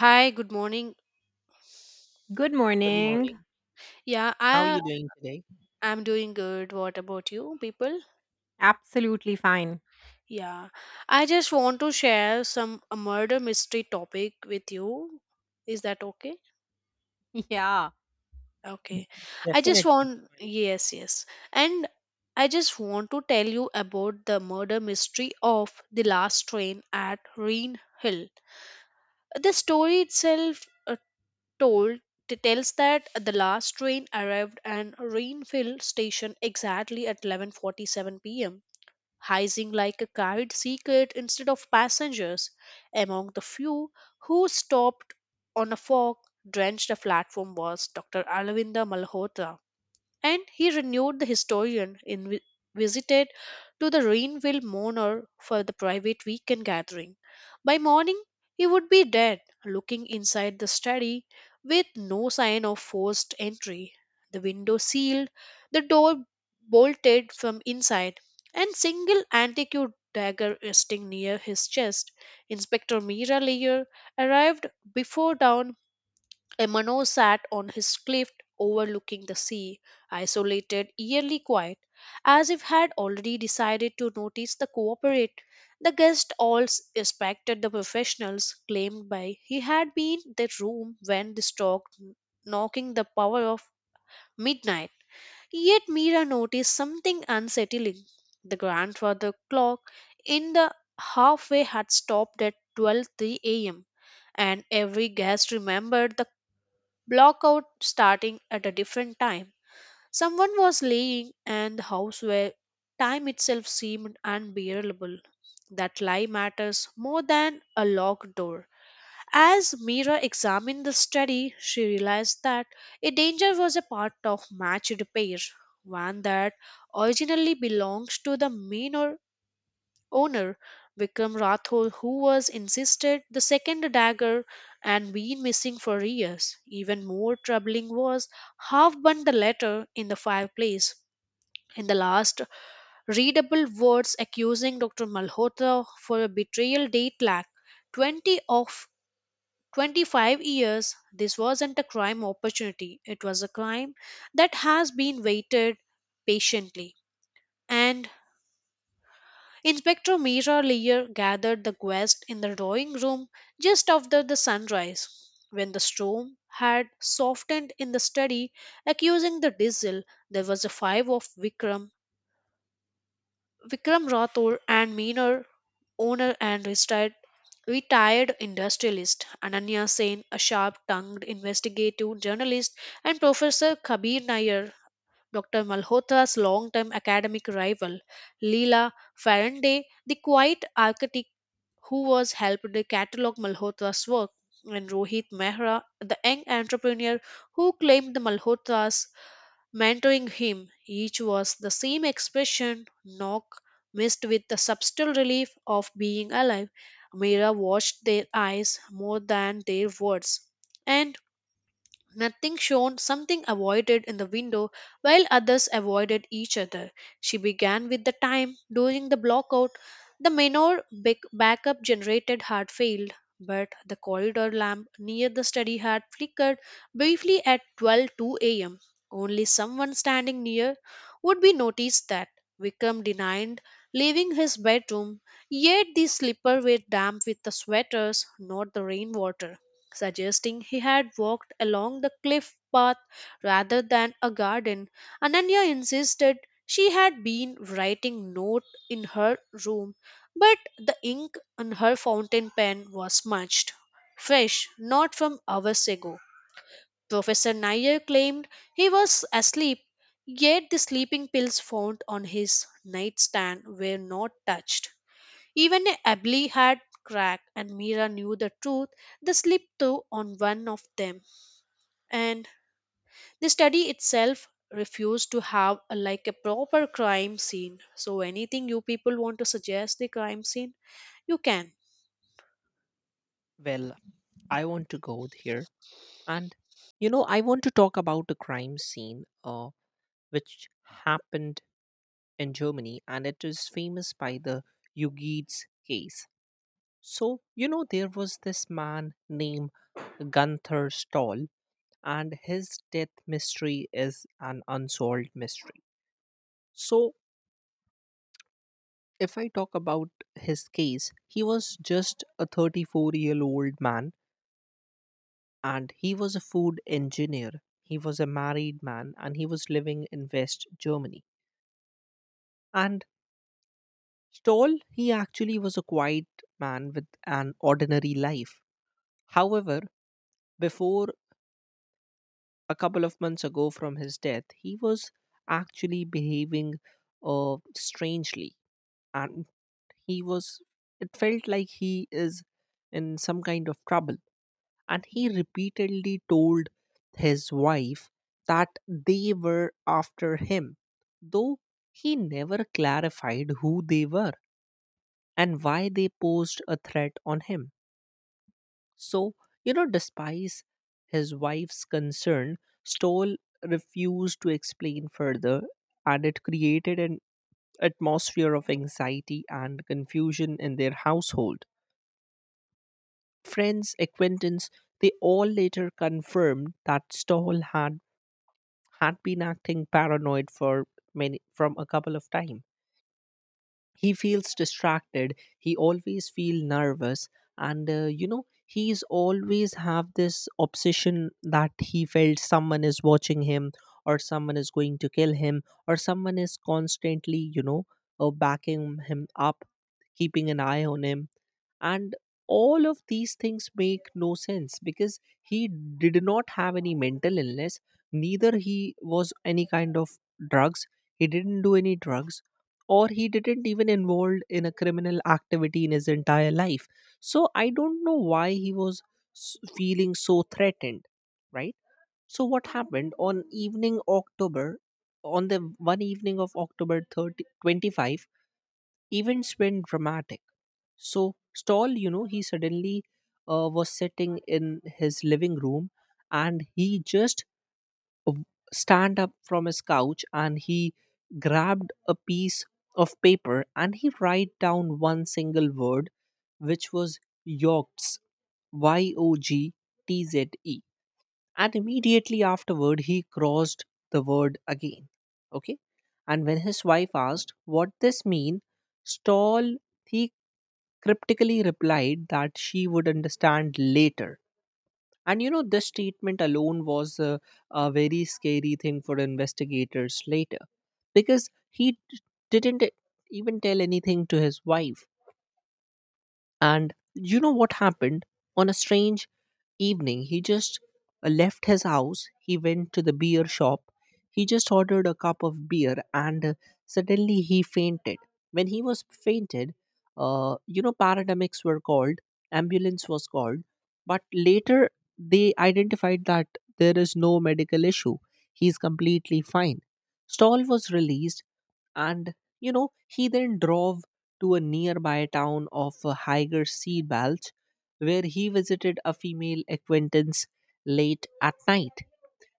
Hi, good morning. Good Good morning. morning. Yeah, How are I you doing today? am doing good. What about you, people? Absolutely fine. Yeah, I just want to share some a murder mystery topic with you. Is that okay? Yeah. Okay. I just Definitely, it's want, fine. yes, yes. And I just want to tell you about the murder mystery of the last train at Reen Hill. The story itself told tells that the last train arrived at Rainfield station exactly at 11:47 p.m., hissing like a carried secret instead of passengers, among the few who stopped on a fog drenched platform was Dr. Alvinda Malhotra, and he renewed the historian in visited to the Rainville Manor for the private weekend gathering. By morning he would be dead, looking inside the study with no sign of forced entry, the window sealed, the door bolted from inside, and single antique dagger resting near his chest. Inspector Mira Layer arrived before dawn Emano sat on his cliff overlooking the sea, isolated, eerily quiet, as if had already decided to notice the cooperate. The guests respected the professionals claimed by he had been the room when the stork knocking the power of midnight. Yet Mira noticed something unsettling. The grandfather clock in the halfway had stopped at 12:03 a.m., and every guest remembered the block out starting at a different time. Someone was laying in the house where time itself seemed unbearable. That lie matters more than a locked door. As Mira examined the study, she realized that a danger was a part of matched pair, one that originally belongs to the mean or owner Vikram Rathod who was insisted the second dagger and been missing for years. Even more troubling was half burned the letter in the fireplace. In the last readable words accusing Dr. Malhotra for a betrayal date lack 20 of 25 years, this wasn't a crime opportunity, it was a crime that has been waited patiently, and Inspector Mira Lear gathered the guests in the drawing room just after the sunrise, when the storm had softened in the study, accusing the diesel. There was a five of Vikram, Vikram Rathore, and Meener, owner and retired industrialist Ananya Sen, a sharp-tongued investigative journalist, and Professor Kabir Nair, Dr. Malhotra's long-term academic rival, Leela Faraday, the quiet architect who was helped to catalog Malhotra's work, and Rohit Mehra, the young entrepreneur who claimed the Malhotra's mentoring him. Each was the same expression, knock, mixed with the subtle relief of being alive. Mehra watched their eyes more than their words, and nothing shone, something avoided in the window, while others avoided each other. She began with the time. During the blockout, the minor backup generated had failed, but the corridor lamp near the study had flickered briefly at 12:02 a.m. Only someone standing near would be noticed that. Wickham denied leaving his bedroom, yet the slippers were damp with the sweaters, not the rainwater suggesting he had walked along the cliff path rather than a garden. Ananya insisted she had been writing note in her room, but the ink on her fountain pen was smudged, fresh, not from hours ago. Professor Nair claimed he was asleep, yet the sleeping pills found on his nightstand were not touched. Even a Abli had cracked, and Mira knew the truth. The slip through on one of them, and the study itself refused to have a, like a proper crime scene. So, anything you people want to suggest the crime scene, you can. Well, I want to go here, and you know, I want to talk about a crime scene, which happened in Germany, and it is famous by the Hugues case. So, you know, there was this man named Gunther Stoll, and his death mystery is an unsolved mystery. So, if I talk about his case, he was just a 34-year-old year old man and he was a food engineer. He was a married man and he was living in West Germany. And Stoll, he actually was a quiet man with an ordinary life. However, before a couple of months ago from his death, he was actually behaving strangely, and he was. It felt like he is in some kind of trouble, and he repeatedly told his wife that they were after him, though he never clarified who they were and why they posed a threat on him. So, you know, despite his wife's concern, Stoll refused to explain further, and it created an atmosphere of anxiety and confusion in their household. Friends, acquaintance, they all later confirmed that Stoll had been acting paranoid for many from a couple of times. He feels distracted, he always feel nervous, and you know, he's always have this obsession that he felt someone is watching him, or someone is going to kill him, or someone is constantly, you know, backing him up, keeping an eye on him. And all of these things make no sense because he did not have any mental illness, neither he was any kind of drugs, he didn't do any drugs, or he didn't even involved in a criminal activity in his entire life. So I don't know why he was feeling so threatened, right? So what happened on the one evening of October 30 25. Events went dramatic. So Stoll, you know, he suddenly was sitting in his living room, and he just w- stand up from his couch, and he grabbed a piece of paper and he write down one single word, which was yogts, y o g t z e, and immediately afterward he crossed the word again. Okay. And when his wife asked what this mean, Stoll, he cryptically replied that she would understand later. And you know, this statement alone was a very scary thing for investigators later, because he didn't even tell anything to his wife. And you know what happened on a strange evening, he just left his house, he went to the beer shop, he just ordered a cup of beer, and suddenly he fainted. When he was fainted, you know, paramedics were called, ambulance was called, but later they identified that there is no medical issue, he's completely fine. Stall was released, and you know he then drove to a nearby town of Higer Sea Balch, where he visited a female acquaintance late at night.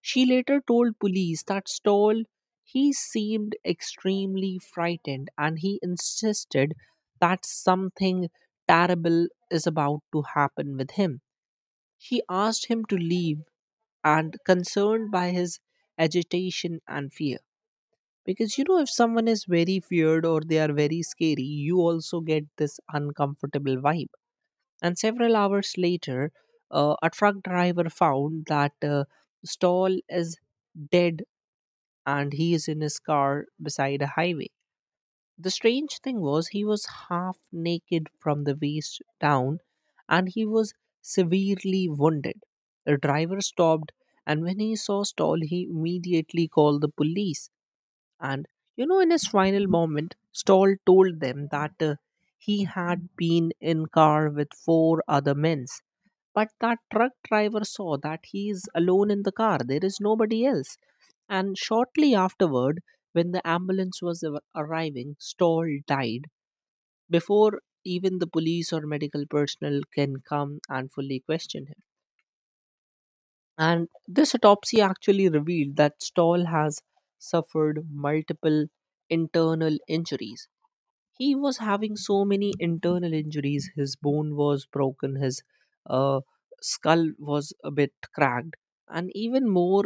She later told police that Stoll, he seemed extremely frightened and he insisted that something terrible is about to happen with him. She asked him to leave and concerned by his agitation and fear, because you know if someone is very feared or they are very scary you also get this uncomfortable vibe. And several hours later, a truck driver found that stall is dead and he is in his car beside a highway. The strange thing was he was half naked from the waist down and he was severely wounded. The driver stopped, and when he saw stall he immediately called the police. And you know, in his final moment, Stoll told them that he had been in car with four other men, but that truck driver saw that he is alone in the car. There is nobody else. And shortly afterward, when the ambulance was arriving, Stoll died before even the police or medical personnel can come and fully question him. And this autopsy actually revealed that Stoll has suffered multiple internal injuries, he was having so many internal injuries, his bone was broken, his uh, skull was a bit cracked. And even more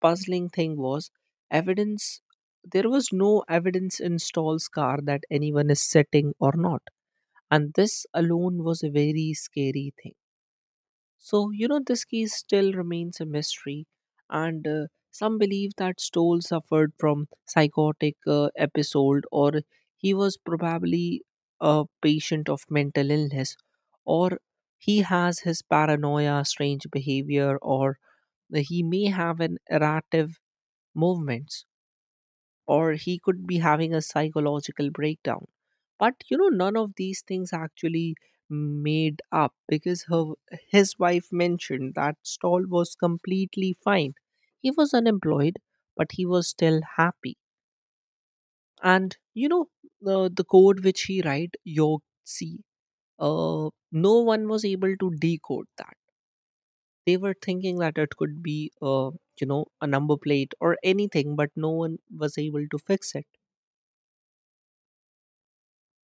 puzzling thing was evidence, there was no evidence in Stoll's car that anyone is sitting or not, and this alone was a very scary thing. So, you know, this case still remains a mystery, and some believe that Stoll suffered from psychotic episode, or he was probably a patient of mental illness, or he has his paranoia, strange behavior, or he may have an errative movements, or he could be having a psychological breakdown. But you know, none of these things actually made up because his wife mentioned that Stall was completely fine. He was unemployed, but he was still happy. And you know, the code which he write, York C, no one was able to decode that. They were thinking that it could be, you know, a number plate or anything, but no one was able to fix it.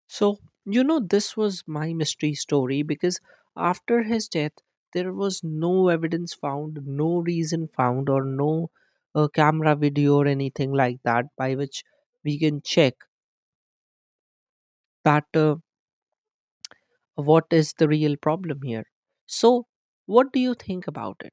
So, you know, this was my mystery story because after his death, there was no evidence found, no reason found, or no camera video or anything like that by which we can check that what is the real problem here. So, what do you think about it?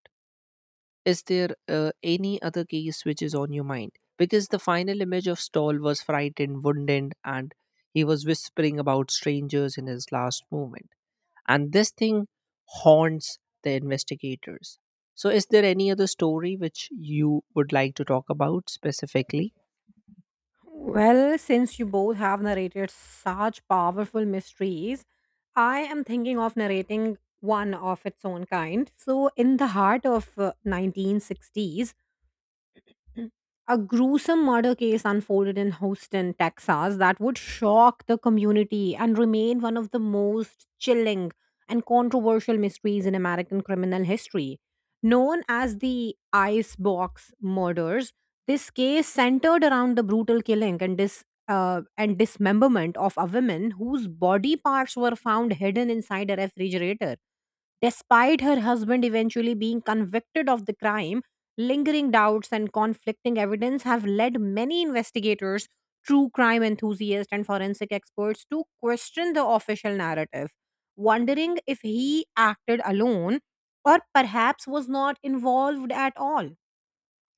Is there any other case which is on your mind? Because the final image of Stoll was frightened, wounded, and he was whispering about strangers in his last moment, and this thing haunts the investigators. So is there any other story which you would like to talk about specifically? Well, since you both have narrated such powerful mysteries, I am thinking of narrating one of its own kind. So, in the heart of 1960s, Mm. A gruesome murder case unfolded in Houston, Texas, that would shock the community and remain one of the most chilling and controversial mysteries in American criminal history. Known as the Icebox Murders, this case centered around the brutal killing and dismemberment of a woman whose body parts were found hidden inside a refrigerator. Despite her husband eventually being convicted of the crime, lingering doubts and conflicting evidence have led many investigators, true crime enthusiasts, and forensic experts to question the official narrative, wondering if he acted alone or perhaps was not involved at all.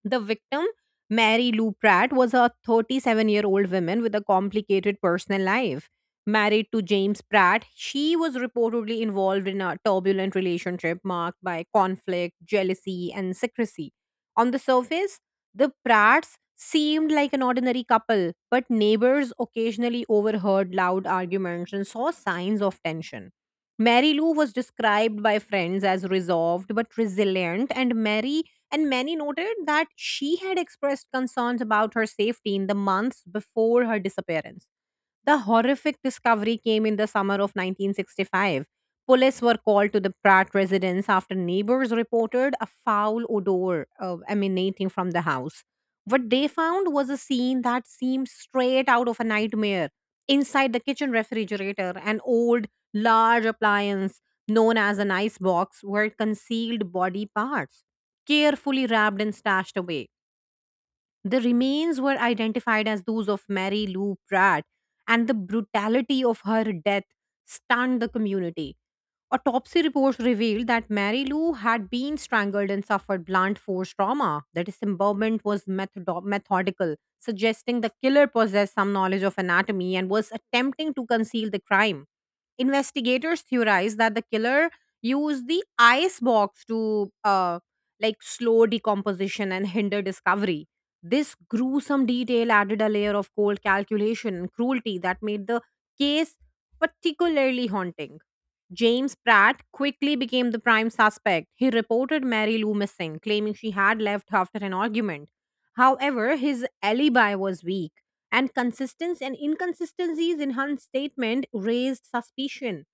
The victim, Mary Lou Pratt, was a 37-year-old woman with a complicated personal life. Married to James Pratt, she was reportedly involved in a turbulent relationship marked by conflict, jealousy, and secrecy. On the surface, the Pratts seemed like an ordinary couple, but neighbors occasionally overheard loud arguments and saw signs of tension. Mary Lou was described by friends as resolved but resilient, and Mary and many noted that she had expressed concerns about her safety in the months before her disappearance. The horrific discovery came in the summer of 1965. Police were called to the Pratt residence after neighbors reported a foul odor emanating from the house. What they found was a scene that seemed straight out of a nightmare. Inside the kitchen refrigerator, an old, large appliance known as an ice box were concealed body parts, carefully wrapped and stashed away. The remains were identified as those of Mary Lou Pratt, and the brutality of her death stunned the community. Autopsy reports revealed that Mary Lou had been strangled and suffered blunt force trauma. The dismemberment was methodical, suggesting the killer possessed some knowledge of anatomy and was attempting to conceal the crime. Investigators theorize that the killer used the ice box to like slow decomposition and hinder discovery. This gruesome detail added a layer of cold calculation and cruelty that made the case particularly haunting. James Pratt quickly became the prime suspect. He reported Mary Lou missing, claiming she had left after an argument. However, his alibi was weak and consistency and inconsistencies in her statement raised suspicion.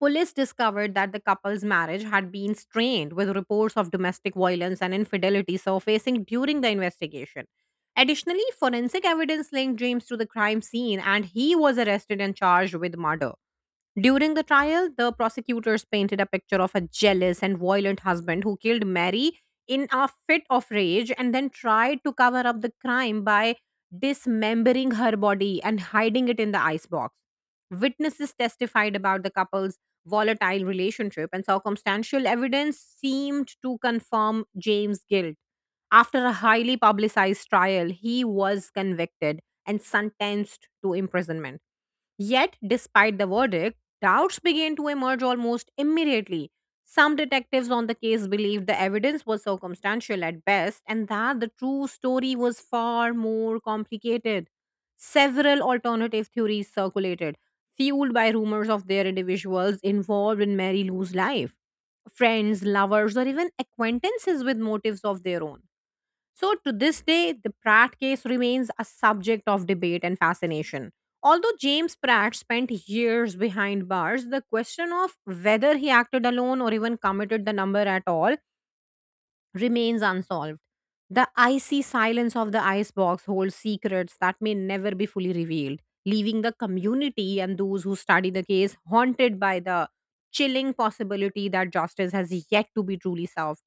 Police discovered that the couple's marriage had been strained with reports of domestic violence and infidelity surfacing during the investigation. Additionally, forensic evidence linked James to the crime scene and he was arrested and charged with murder. During the trial, the prosecutors painted a picture of a jealous and violent husband who killed Mary in a fit of rage and then tried to cover up the crime by dismembering her body and hiding it in the icebox. Witnesses testified about the couple's volatile relationship, and circumstantial evidence seemed to confirm James' guilt. After a highly publicized trial, he was convicted and sentenced to imprisonment. Yet, despite the verdict, doubts began to emerge almost immediately. Some detectives on the case believed the evidence was circumstantial at best and that the true story was far more complicated. Several alternative theories circulated, fueled by rumors of their individuals involved in Mary Lou's life friends, lovers, or even acquaintances with motives of their own. So, to this day, the Pratt case remains a subject of debate and fascination. Although James Pratt spent years behind bars, the question of whether he acted alone or even committed the number at all remains unsolved. The icy silence of the icebox holds secrets that may never be fully revealed, leaving the community and those who study the case haunted by the chilling possibility that justice has yet to be truly solved.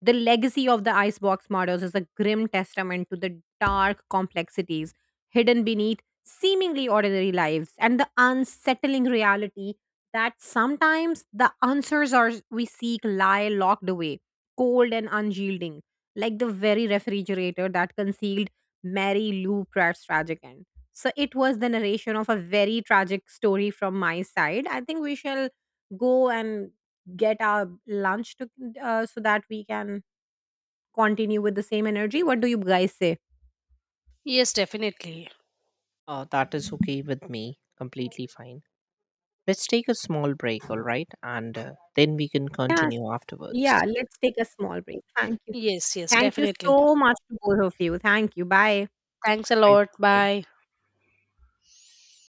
The legacy of the icebox murders is a grim testament to the dark complexities hidden beneath seemingly ordinary lives and the unsettling reality that sometimes the answers are we seek lie locked away cold and unyielding, like the very refrigerator that concealed Mary Lou Pratt's tragic end. So it was the narration of a very tragic story from my side. I think we shall go and get our lunch to, so that we can continue with the same energy. What do you guys say? Yes, definitely. That is okay with me, completely fine. Let's take a small break, all right, and then we can Yes. continue afterwards. Yeah, let's take a small break. Thank you. Yes, yes, Thank you definitely. so much to both of you. Thank you. Bye. Thanks a Right. lot. Bye. Bye.